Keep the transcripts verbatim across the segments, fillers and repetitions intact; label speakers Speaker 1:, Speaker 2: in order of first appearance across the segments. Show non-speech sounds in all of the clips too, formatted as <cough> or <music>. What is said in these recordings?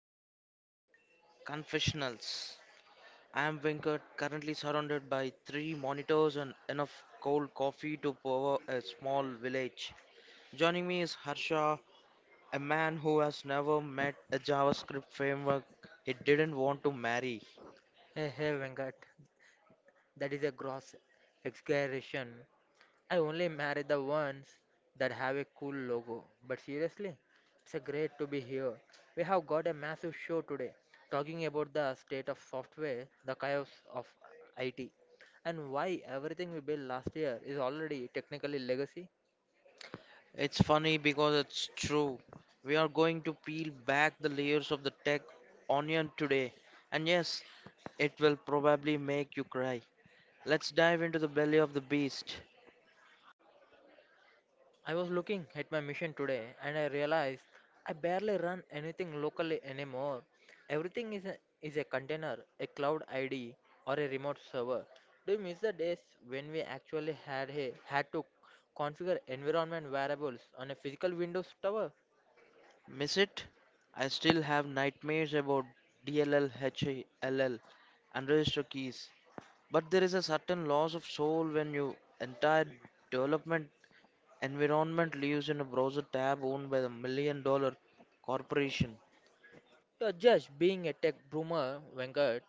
Speaker 1: episode of the Confessionals. I am Venkat, currently surrounded by three monitors and enough cold coffee to power a small village. Joining me is Harsha, a man who has never met a JavaScript framework he didn't want to marry.
Speaker 2: Hey, hey, Venkat, that is a gross exaggeration. I only marry the ones that have a cool logo. But seriously, it's a great to be here. We have got a massive show today talking about the state of software, the chaos of I T, and why everything we built last year is already technically legacy.
Speaker 1: It's funny because it's true. We are going to peel back the layers of the tech onion today. And yes, it will probably make you cry. Let's dive into the belly of the beast.
Speaker 2: I was looking at my mission today and I realized I barely run anything locally anymore. Everything is a, is a container, a cloud I D, or a remote server. Do you miss the days when we actually had a, had to configure environment variables on a physical Windows tower?
Speaker 1: Miss it? I still have nightmares about D L L, H L L, and register keys. But there is a certain loss of soul when your entire development environment lives in a browser tab owned by the million dollar corporation.
Speaker 2: Uh, just being a tech boomer, Venkat,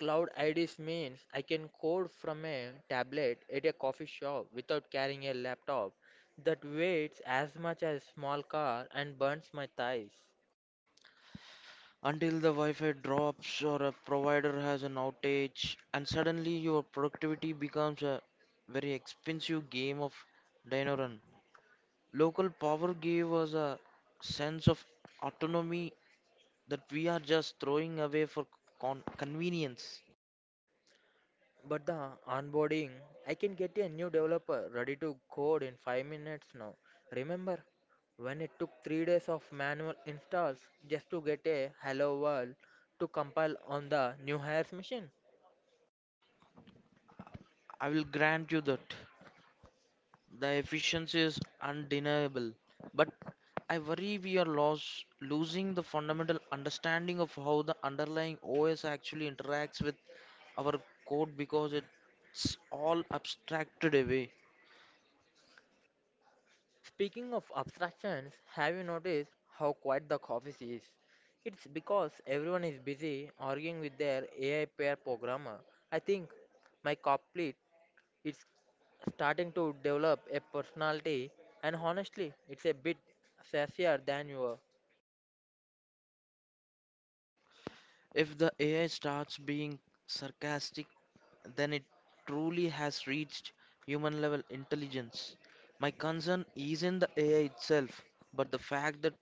Speaker 2: cloud I Ds means I can code from a tablet at a coffee shop without carrying a laptop that weighs as much as a small car and burns my thighs.
Speaker 1: Until the Wi Fi drops or a provider has an outage, and suddenly your productivity becomes a very expensive game of dino run. Local power gave us a sense of autonomy that we are just throwing away for con- convenience.
Speaker 2: But the onboarding, I can get a new developer ready to code in five minutes now. Remember when it took three days of manual installs just to get a hello world to compile on the new hires machine?
Speaker 1: I will grant you that. The efficiency is undeniable, but I worry we are lost, losing the fundamental understanding of how the underlying O S actually interacts with our code because it's all abstracted away.
Speaker 2: Speaking of abstractions, have you noticed how quiet the office is? It's because everyone is busy arguing with their A I pair programmer. I think my copilot is starting to develop a personality and honestly it's a bit sassier than you are.
Speaker 1: If the A I starts being sarcastic, then it truly has reached human level intelligence. My concern isn't the A I itself, but the fact that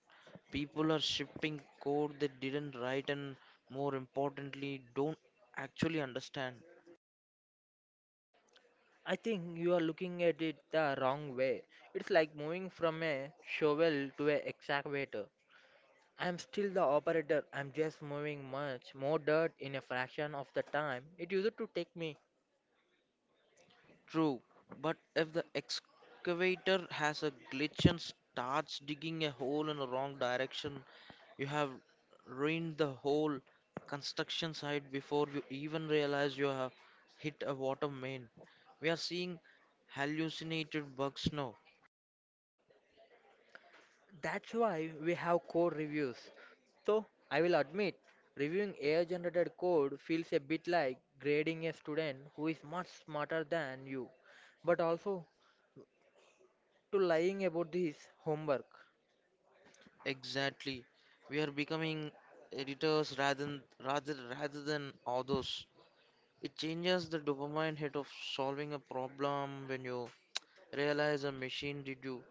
Speaker 1: people are shipping code they didn't write and, more importantly, don't actually understand.
Speaker 2: I think you are looking at it the wrong way. It's like moving from a shovel to an excavator. I'm still the operator. I'm just moving much more dirt in a fraction of the time it used to take me.
Speaker 1: True, but if the excavator has a glitch and starts digging a hole in the wrong direction, you have ruined the whole construction site before you even realize you have hit a water main. We are seeing hallucinated bugs now.
Speaker 2: That's why we have code reviews. So, I will admit, reviewing A I generated code feels a bit like grading a student who is much smarter than you, but also to lying about this homework.
Speaker 1: Exactly. We are becoming editors rather than, rather rather than authors. It changes the dopamine hit of solving a problem when you realize a machine did you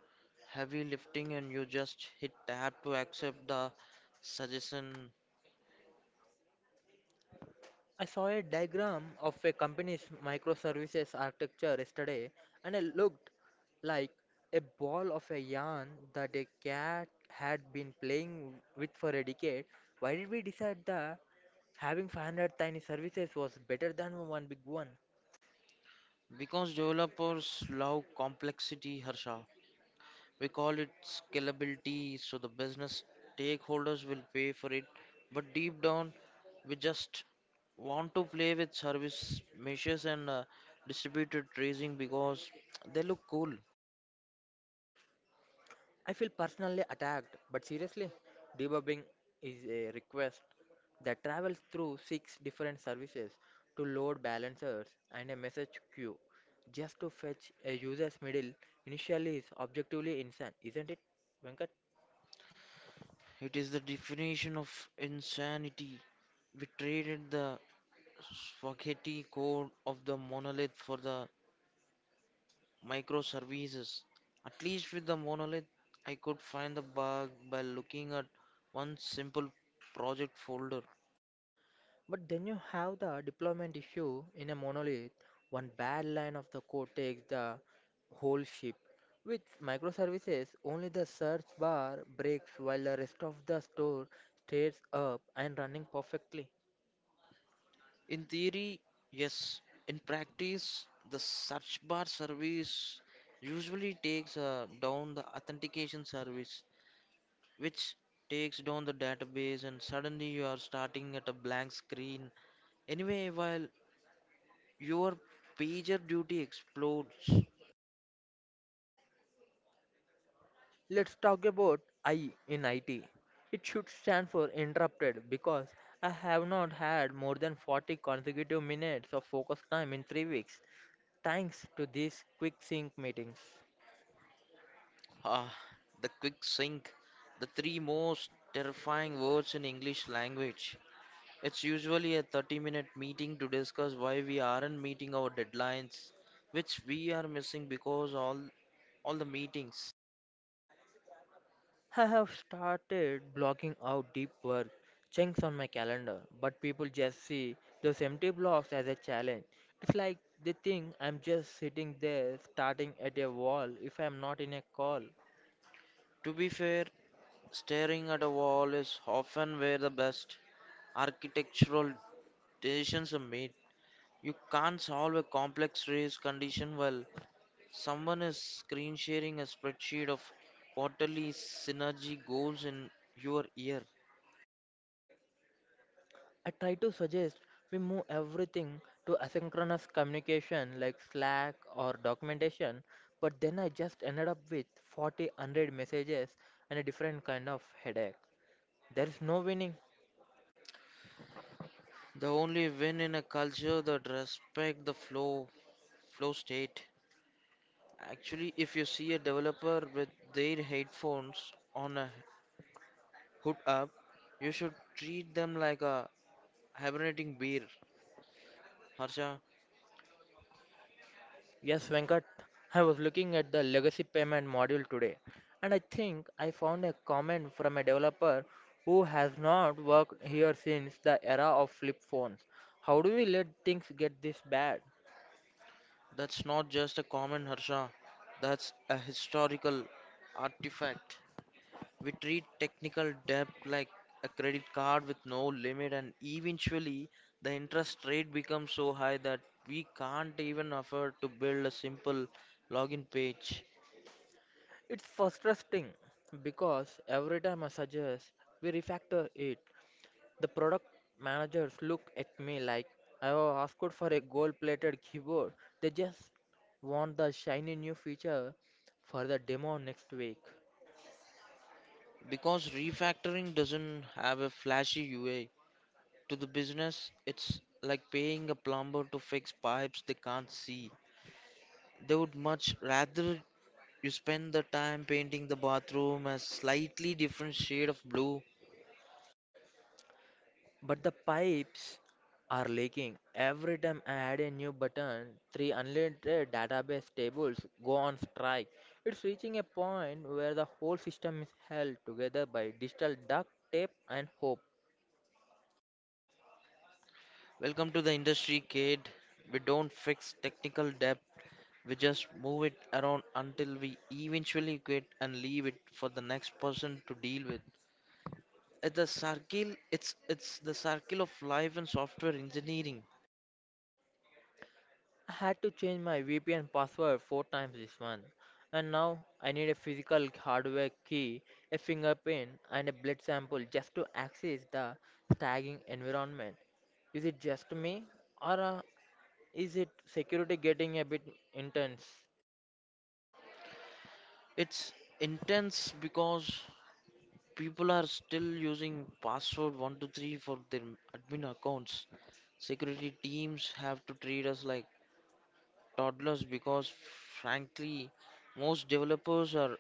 Speaker 1: heavy lifting and you just hit tab to accept the suggestion.
Speaker 2: I saw a diagram of a company's microservices architecture yesterday, and it looked like a ball of a yarn that a cat had been playing with for a decade. Why did we decide that having five hundred tiny services was better than one big one?
Speaker 1: Because developers love complexity, Harsha. We call it scalability, so the business stakeholders will pay for it. But deep down, we just want to play with service meshes and uh, distributed tracing because they look cool.
Speaker 2: I feel personally attacked, but seriously, debugging is a request that travels through six different services to load balancers and a message queue just to fetch a user's middle initially is objectively insane, isn't it, Venkat?
Speaker 1: It is the definition of insanity. We traded the spaghetti code of the monolith for the microservices. At least with the monolith, I could find the bug by looking at one simple project folder.
Speaker 2: But then you have the deployment issue in a monolith. One bad line of the code takes the whole ship. With microservices, only the search bar breaks while the rest of the store stays up and running perfectly.
Speaker 1: In theory, yes. In practice, the search bar service usually takes uh, down the authentication service, which takes down the database, and suddenly you are starting at a blank screen. Anyway, while your pager duty explodes,
Speaker 2: Let's talk about I in I T. It should stand for interrupted because I have not had more than forty consecutive minutes of focus time in three weeks thanks to these quick sync meetings.
Speaker 1: Ah, the quick sync, the three most terrifying words in English language. It's usually a thirty minute meeting to discuss why we aren't meeting our deadlines, which we are missing because all all the meetings.
Speaker 2: I have started blocking out deep work chunks on my calendar, but people just see those empty blocks as a challenge. It's like they think I'm just sitting there starting at a wall if I'm not in a call.
Speaker 1: To be fair, staring at a wall is often where the best architectural decisions are made. You can't solve a complex race condition well Someone is screen sharing a spreadsheet of quarterly synergy goals in your year.
Speaker 2: I try to suggest we move everything to asynchronous communication like Slack or documentation, but then I just ended up with 40 100 messages and a different kind of headache. There is no winning.
Speaker 1: The only win in a culture that respect the flow flow state. Actually, if you see a developer with their headphones on a hood up, you should treat them like a hibernating bear. Harsha,
Speaker 2: Yes, Venkat, I was looking at the legacy payment module today, and I think I found a comment from a developer who has not worked here since the era of flip phones. How do we let things get this bad?
Speaker 1: that's not just a comment, Harsha. That's a historical artifact. We treat technical debt like a credit card with no limit, and eventually the interest rate becomes so high that we can't even afford to build a simple login page.
Speaker 2: It's frustrating because every time I suggest we refactor it, the product managers look at me like I have asked for a gold plated keyboard. They just want the shiny new feature for the demo next week.
Speaker 1: Because refactoring doesn't have a flashy U I to the business, it's like paying a plumber to fix pipes they can't see. They would much rather you spend the time painting the bathroom a slightly different shade of blue.
Speaker 2: But the pipes are leaking. Every time I add a new button, three unrelated database tables go on strike. It's reaching a point where the whole system is held together by digital duct tape and hope.
Speaker 1: Welcome to the industry, kid. We don't fix technical debt, we just move it around until we eventually quit and leave it for the next person to deal with. It's the circle it's it's the circle of life and software engineering.
Speaker 2: I had to change my V P N password four times this month. And now I need a physical hardware key, a fingerprint, and a blood sample just to access the tagging environment. Is it just me, or uh, Is it security getting a bit intense?
Speaker 1: It's intense because people are still using password one two three for their admin accounts. Security teams have to treat us like toddlers because frankly most developers are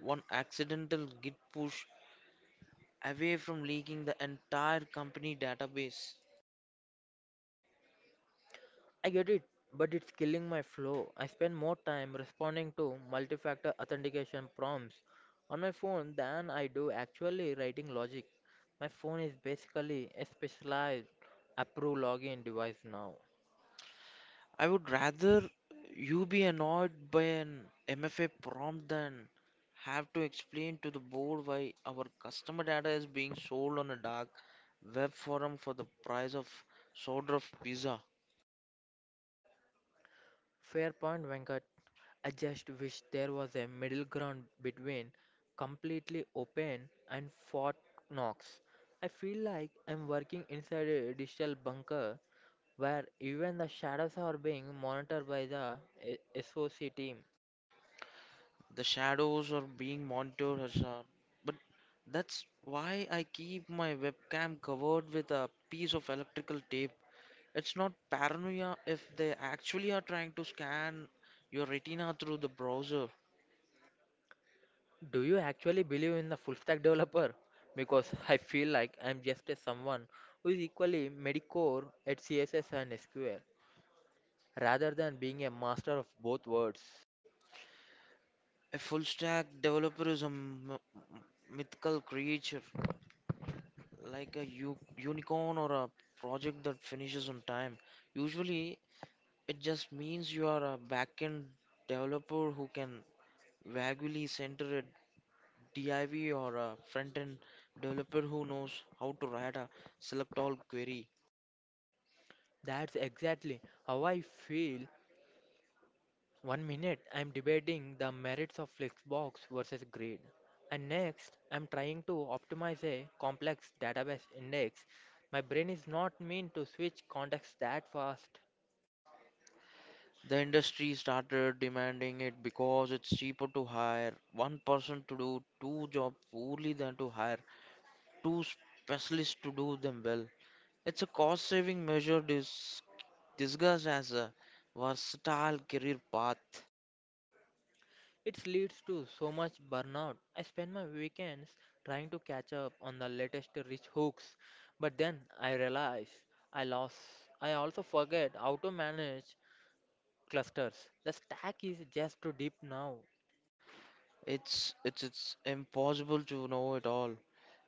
Speaker 1: One accidental git push away from leaking the entire company database.
Speaker 2: I get it, but it's killing my flow. I spend more time responding to multi factor authentication prompts on my phone than I do actually writing logic. My phone is basically a specialized approve login device now.
Speaker 1: I would rather you be annoyed by an M F A prompt than have to explain to the board why our customer data is being sold on a dark web forum for the price of soda of pizza.
Speaker 2: Fair point, Venkat. I just wish there was a middle ground between completely open and Fort Knox. I feel like I'm working inside a digital bunker where even the shadows are being monitored by the eh, S O C team.
Speaker 1: The shadows are being monitored, Harsha. But that's why I keep my webcam covered with a piece of electrical tape. It's not paranoia if they actually are trying to scan your retina through the browser.
Speaker 2: Do you actually believe in the full stack developer? Because <laughs> I feel like I'm just a someone who is equally medicore at C S S and S Q L, rather than being a master of both worlds.
Speaker 1: A full stack developer is a m- m- mythical creature, like a u- unicorn or a project that finishes on time. Usually, it just means you are a backend developer who can vaguely center a div or a front end developer who knows how to write a select all query.
Speaker 2: That's exactly how I feel. One minute I'm debating the merits of Flexbox versus Grid, and next I'm trying to optimize a complex database index. My brain is not meant to switch contexts that fast.
Speaker 1: The industry started demanding it because it's cheaper to hire one person to do two jobs poorly than to hire two specialists to do them well. It's a cost saving measure dis- disguised as a versatile career path.
Speaker 2: It leads to so much burnout. I spend my weekends trying to catch up on the latest rich hooks, but then I realize I lost. I also forget how to manage clusters. The stack is just too deep now.
Speaker 1: It's, it's, it's impossible to know it all.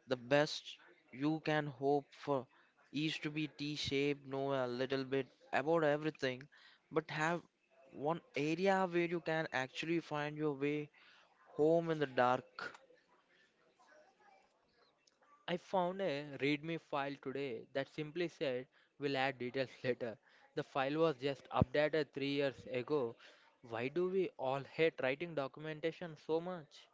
Speaker 1: The best you can hope for is to be T shaped, know a little bit about everything, but have one area where you can actually find your way home in the dark.
Speaker 2: I found a README file today that simply said we'll add details <laughs> later. The file was just updated three years ago. Why do we all hate writing documentation so much?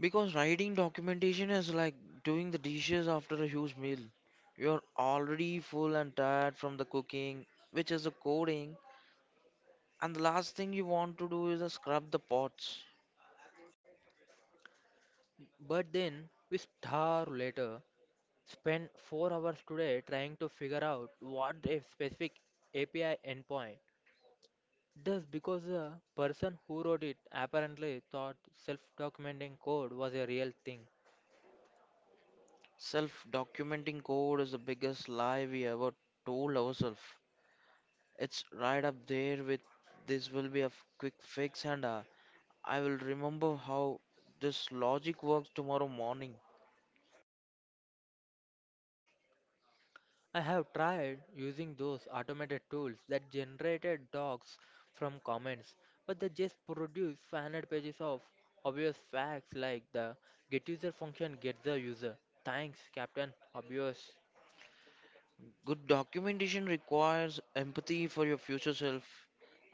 Speaker 1: Because writing documentation is like doing the dishes after a huge meal. You're already full and tired from the cooking, which is the coding, and the last thing you want to do is uh, scrub the pots.
Speaker 2: But then we starve later, spend four hours today trying to figure out what a specific A P I endpoint does because the person who wrote it apparently thought self documenting code was a real thing.
Speaker 1: Self documenting code is the biggest lie we ever told ourselves. It's right up there with this will be a f- quick fix, and uh, I will remember how this logic works tomorrow morning.
Speaker 2: I have tried using those automated tools that generated docs from comments, but they just produce five hundred pages of obvious facts like the get user function gets the user. Thanks, Captain. Obvious.
Speaker 1: Good documentation requires empathy for your future self,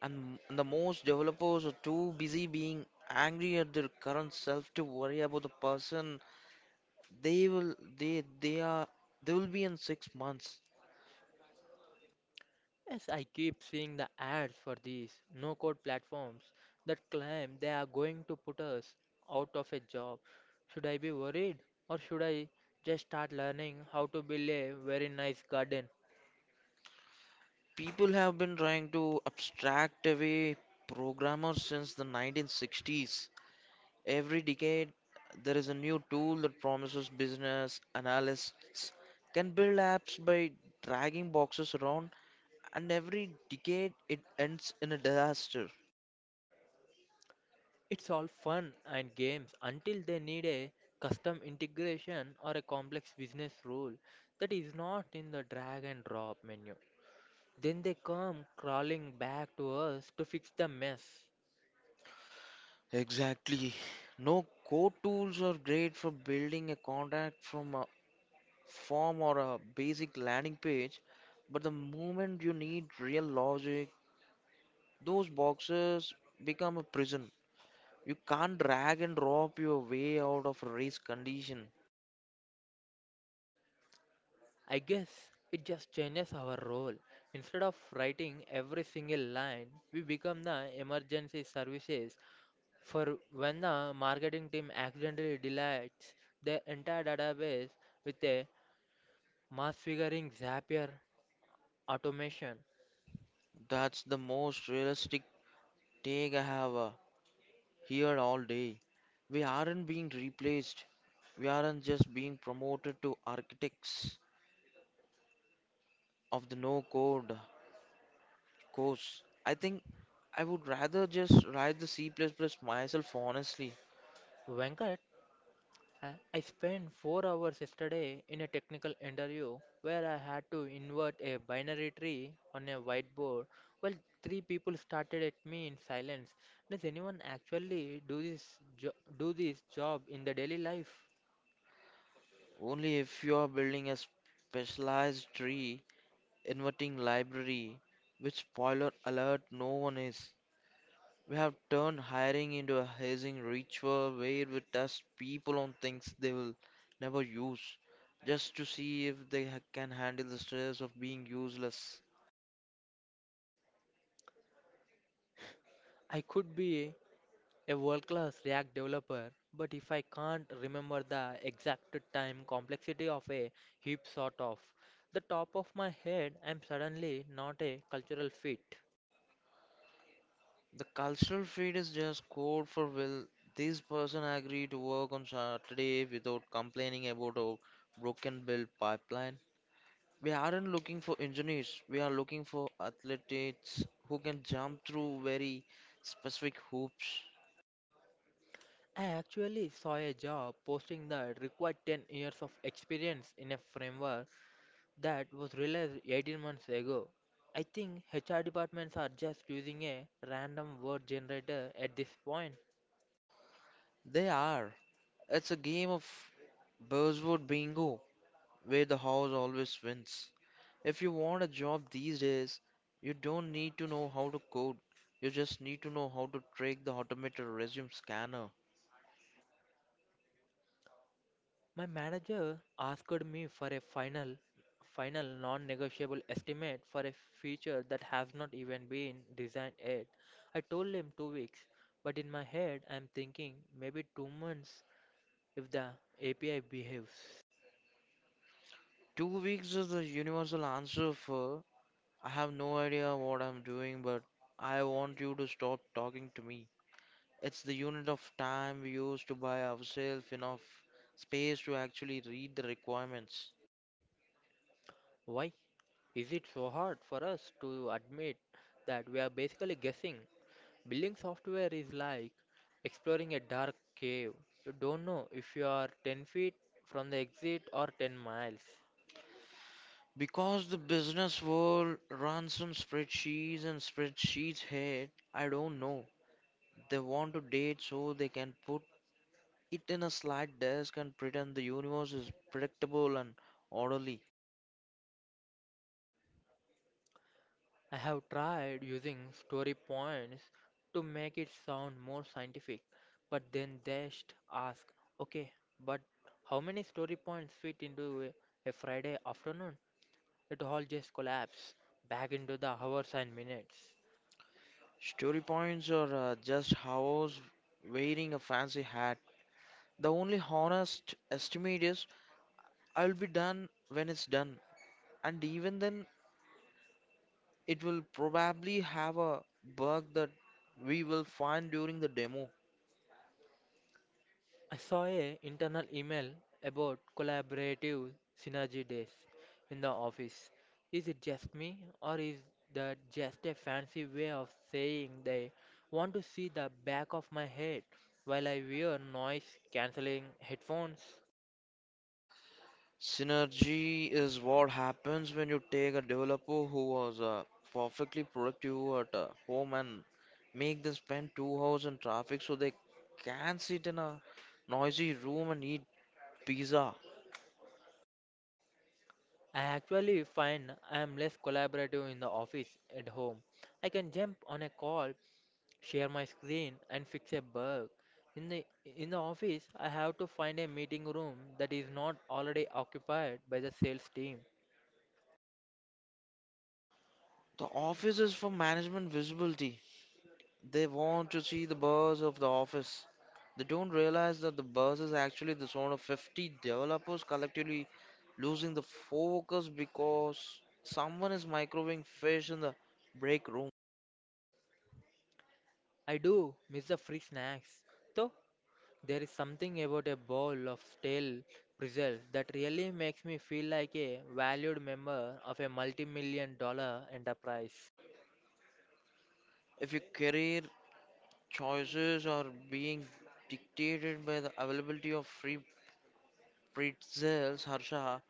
Speaker 1: and m- the most developers are too busy being angry at their current self to worry about the person they will they they are they will be in six months.
Speaker 2: Yes, I keep seeing the ads for these no code platforms that claim they are going to put us out of a job. Should I be worried or should I just start learning how to build a very nice garden?
Speaker 1: People have been trying to abstract away programmers since the nineteen sixties. Every decade, there is a new tool that promises business analysts can build apps by dragging boxes around and every decade it ends in a disaster.
Speaker 2: It's all fun and games until they need a custom integration or a complex business rule that is not in the drag and drop menu. Then they come crawling back to us to fix the mess.
Speaker 1: Exactly. No core tools are great for building a contact from a form or a basic landing page, but the moment you need real logic, those boxes become a prison. You can't drag and drop your way out of a race condition.
Speaker 2: I guess it just changes our role. Instead of writing every single line, we become the emergency services for when the marketing team accidentally deletes their entire database with a mass figuring Zapier automation.
Speaker 1: That's the most realistic take I have. uh, here all day. We aren't being replaced, we aren't just being promoted to architects of the no code course. I think I would rather just write the C plus plus myself honestly.
Speaker 2: Venkat, I I spent four hours yesterday in a technical interview where I had to invert a binary tree on a whiteboard while three people started at me in silence. Does anyone actually do this jo- do this job in the daily life?
Speaker 1: Only if you are building a specialized tree inverting library, which spoiler alert, no one is. We have turned hiring into a hazing ritual where we test people on things they will never use, just to see if they ha- can handle the stress of being useless.
Speaker 2: I could be a world-class React developer, but if I can't remember the exact time complexity of a heap sort of the top of my head, I'm suddenly not a cultural fit.
Speaker 1: The cultural feed is just code for will this person agree to work on Saturday without complaining about a broken build pipeline? We aren't looking for engineers, we are looking for athletes who can jump through very specific hoops.
Speaker 2: I actually saw a job posting that required ten years of experience in a framework that was released eighteen months ago. I think H R departments are just using a random word generator at this point.
Speaker 1: They are. It's a game of buzzword bingo where the house always wins. If you want a job these days, you don't need to know how to code. You just need to know how to trick the automated resume scanner.
Speaker 2: My manager asked me for a final final non-negotiable estimate for a feature that has not even been designed yet. I told him two weeks, but in my head I'm thinking maybe two months if the A P I behaves.
Speaker 1: Two weeks is the universal answer for I have no idea what I'm doing, but I want you to stop talking to me. It's the unit of time we use to buy ourselves enough space to actually read the requirements.
Speaker 2: Why? Is it so hard for us to admit that we are basically guessing? Building software is like exploring a dark cave. You don't know if you are ten feet from the exit or ten miles.
Speaker 1: Because the business world runs on spreadsheets and spreadsheets hate, I don't know. They want to date so they can put it in a slide desk and pretend the universe is predictable and orderly.
Speaker 2: I have tried using story points to make it sound more scientific, but then just ask, okay, but how many story points fit into a, a Friday afternoon? It all just collapses back into the hours and minutes.
Speaker 1: Story points are uh, just hours wearing a fancy hat. The only honest estimate is I'll be done when it's done, and even then, it will probably have a bug that we will find during the demo.
Speaker 2: I saw a internal email about collaborative synergy days in the office. Is it just me or is that just a fancy way of saying they want to see the back of my head while I wear noise cancelling headphones?
Speaker 1: Synergy is what happens when you take a developer who was uh, perfectly productive at uh, home and make them spend two hours in traffic so they can sit in a noisy room and eat pizza.
Speaker 2: I actually find I am less collaborative in the office at home. I can jump on a call share my screen and fix a bug. In the in the office, I have to find a meeting room that is not already occupied by the sales team.
Speaker 1: The office is for management visibility. They want to see the buzz of the office. They don't realize that the buzz is actually the sound of fifty developers collectively losing the focus because someone is microwaving fish in the break room.
Speaker 2: I do miss the free snacks. Though there is something about a bowl of stale pretzels that really makes me feel like a valued member of a multi-million dollar enterprise.
Speaker 1: If your career choices are being dictated by the availability of free pretzels, Harsha,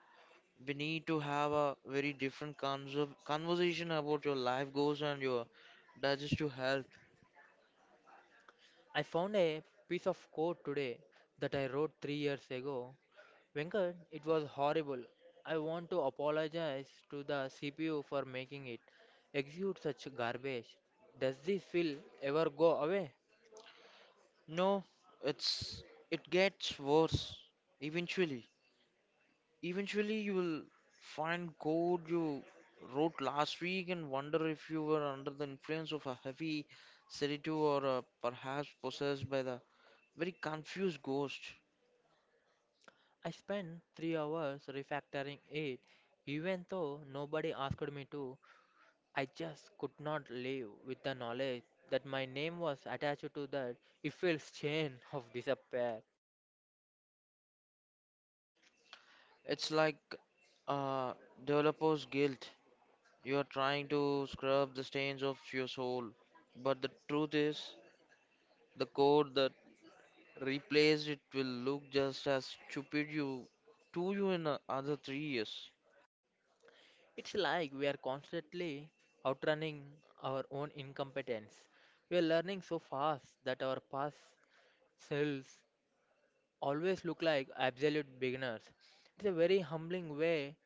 Speaker 1: we need to have a very different conser- conversation about your life goals and your digestive health.
Speaker 2: I found a piece of code today that I wrote three years ago. Venkat, it was horrible. I want to apologize to the C P U for making it execute such garbage. Does this feel ever go away?
Speaker 1: No, it's it gets worse eventually. Eventually, you will find code you wrote last week and wonder if you were under the influence of a heavy sedative or uh, perhaps possessed by the very confused ghost.
Speaker 2: I spent three hours refactoring it, even though nobody asked me to. I just could not live with the knowledge that my name was attached to that evil chain of despair.
Speaker 1: It's like uh, developer's guilt. You are trying to scrub the stains of your soul, but the truth is, the code that replaced it will look just as stupid you to you in a- other three years.
Speaker 2: It's like we are constantly outrunning our own incompetence. We are learning so fast that our past cells always look like absolute beginners. It's a very humbling way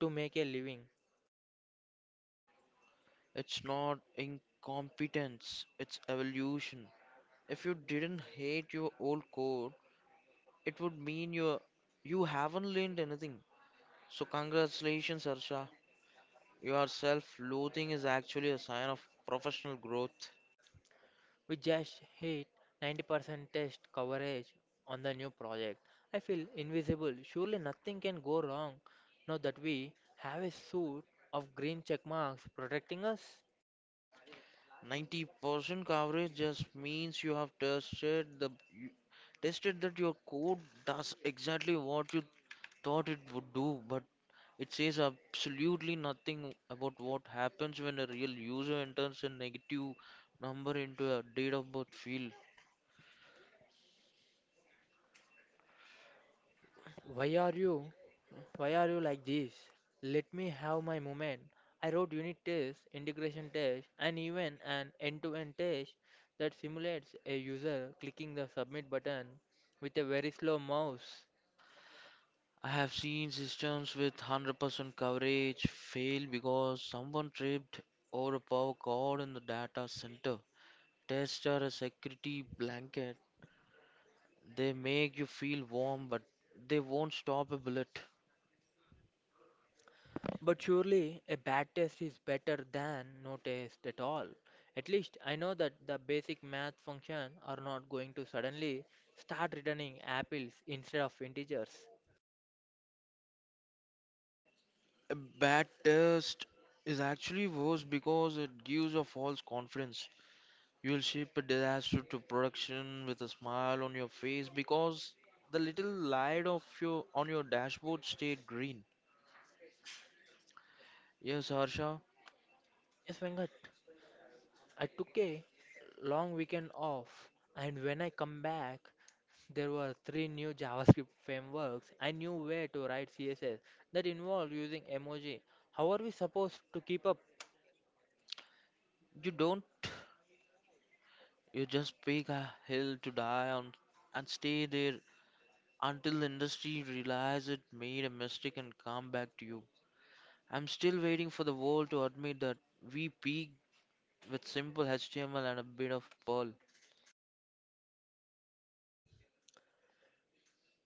Speaker 2: to make a living.
Speaker 1: It's not incompetence, it's evolution. If you didn't hate your old code, it would mean you you haven't learned anything. So congratulations, Harsha. Your self-loathing is actually a sign of professional growth.
Speaker 2: We just hit ninety percent test coverage on the new project. I feel invisible. Surely nothing can go wrong now that we have a suit of green check marks protecting us.
Speaker 1: ninety percent coverage just means you have tested the you tested that your code does exactly what you thought it would do, but it says absolutely nothing about what happens when a real user enters a negative number into a date of birth field.
Speaker 2: Why are you? Why are you like this? Let me have my moment. I wrote unit tests, integration tests, and even an end-to-end test that simulates a user clicking the submit button with a very slow mouse.
Speaker 1: I have seen systems with one hundred percent coverage fail because someone tripped over a power cord in the data center. Tests are a security blanket. They make you feel warm, but they won't stop a bullet.
Speaker 2: But surely a bad test is better than no test at all. At least I know that the basic math function are not going to suddenly start returning apples instead of integers.
Speaker 1: A bad test is actually worse because it gives a false confidence. You'll ship a disaster to production with a smile on your face because the little light of your on your dashboard stayed green. Yes, Harsha,
Speaker 2: Yes, Venkat. I took a long weekend off, and when I come back, there were three new JavaScript frameworks I knew where to write C S S that involved using emoji. How are we supposed to keep up?
Speaker 1: you don't. You just pick a hill to die on and stay there until the industry realize it made a mistake and come back to you. I'm still waiting for the world to admit that we peaked with simple H T M L and a bit of Perl.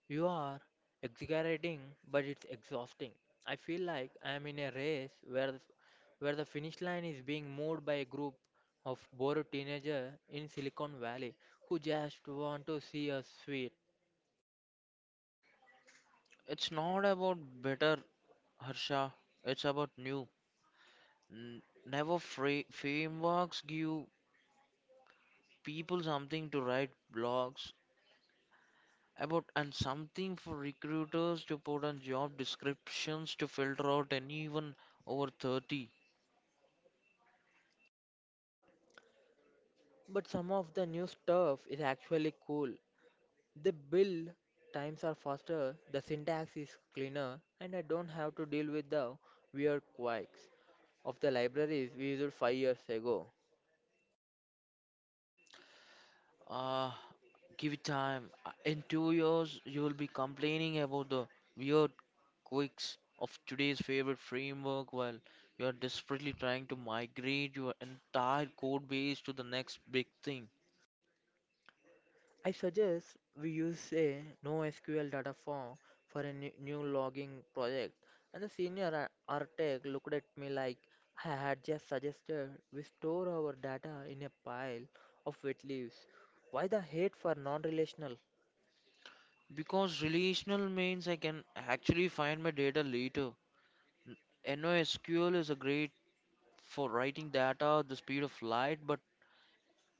Speaker 2: You are exaggerating, but it's exhausting. I feel like I am in a race where the, where the finish line is being moved by a group of bored teenagers in Silicon Valley who just want to see us sweet.
Speaker 1: It's not about better, Harsha. It's about new. N- Never fra- frameworks give people something to write blogs about and something for recruiters to put on job descriptions to filter out anyone over thirty.
Speaker 2: But some of the new stuff is actually cool. The build times are faster, the syntax is cleaner, and I don't have to deal with the weird quirks of the libraries we used five years ago.
Speaker 1: Uh, Give it time. Uh, In two years, you will be complaining about the weird quirks of today's favorite framework while you are desperately trying to migrate your entire code base to the next big thing.
Speaker 2: I suggest we use a NoSQL data form for a new new logging project, and the senior ar- architect looked at me like I had just suggested we store our data in a pile of wet leaves. Why the hate for non relational?
Speaker 1: Because relational means I can actually find my data later. NoSQL is a great for writing data at the speed of light, but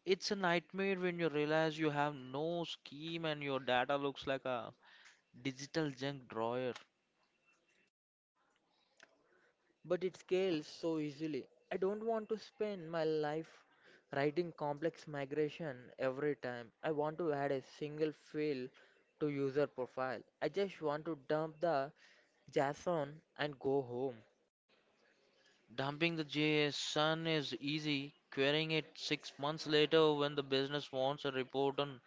Speaker 1: it's a nightmare when you realize you have no scheme and your data looks like a digital junk drawer.
Speaker 2: But it scales so easily. I don't want to spend my life writing complex migration every time. I want to add a single field to user profile. I just want to dump the JSON and go home.
Speaker 1: Dumping the JSON is easy. Querying it six months later when the business wants a report on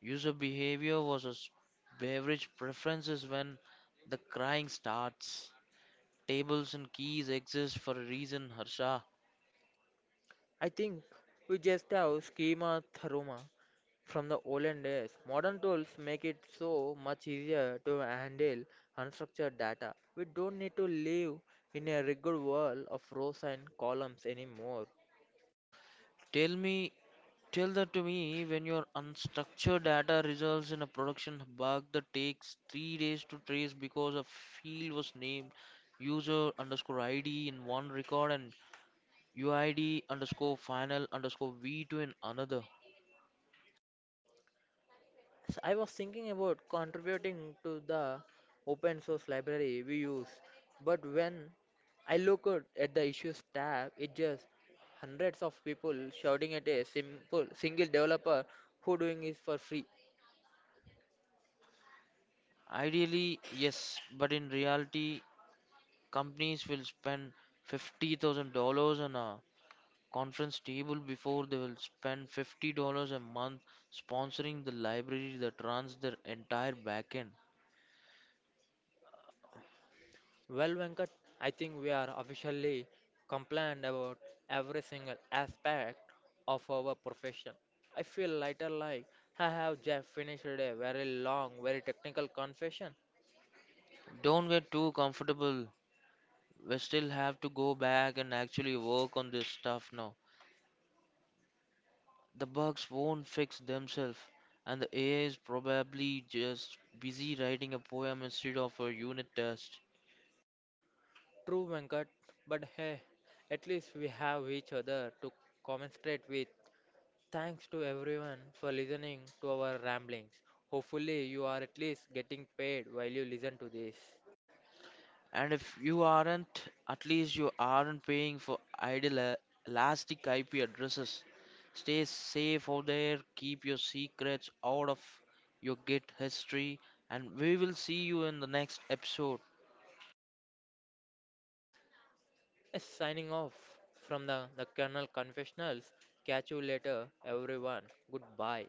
Speaker 1: user behavior versus beverage preferences when the crying starts. Tables and keys exist for a reason, Harsha.
Speaker 2: I think we just have schema theruma from the olden days. Modern tools make it so much easier to handle unstructured data. We don't need to live in a rigid world of rows and columns anymore.
Speaker 1: Tell me, tell that to me when your unstructured data results in a production bug that takes three days to trace because a field was named user underscore I D in one record and U I D underscore final underscore V to an another.
Speaker 2: So I was thinking about contributing to the open source library we use, but when I look at at the issues tab, it just hundreds of people shouting at a simple single developer who doing is for free.
Speaker 1: Ideally, yes, but in reality, companies will spend fifty thousand dollars on a conference table before they will spend fifty dollars a month sponsoring the library that runs their entire backend.
Speaker 2: Well, Venkat, I think we are officially compliant about every single aspect of our profession. I feel lighter like I have just finished a very long, very technical confession.
Speaker 1: Don't get too comfortable. We still have to go back and actually work on this stuff now. The bugs won't fix themselves, and the A I is probably just busy writing a poem instead of a unit test.
Speaker 2: True, Venkat, but hey, at least we have each other to commiserate with. Thanks to everyone for listening to our ramblings. Hopefully, you are at least getting paid while you listen to this.
Speaker 1: And if you aren't, at least you aren't paying for idle uh, elastic I P addresses. Stay safe out there, keep your secrets out of your Git history, and we will see you in the next episode.
Speaker 2: Yes, signing off from the, the Colonel Confessionals. Catch you later, everyone. Goodbye.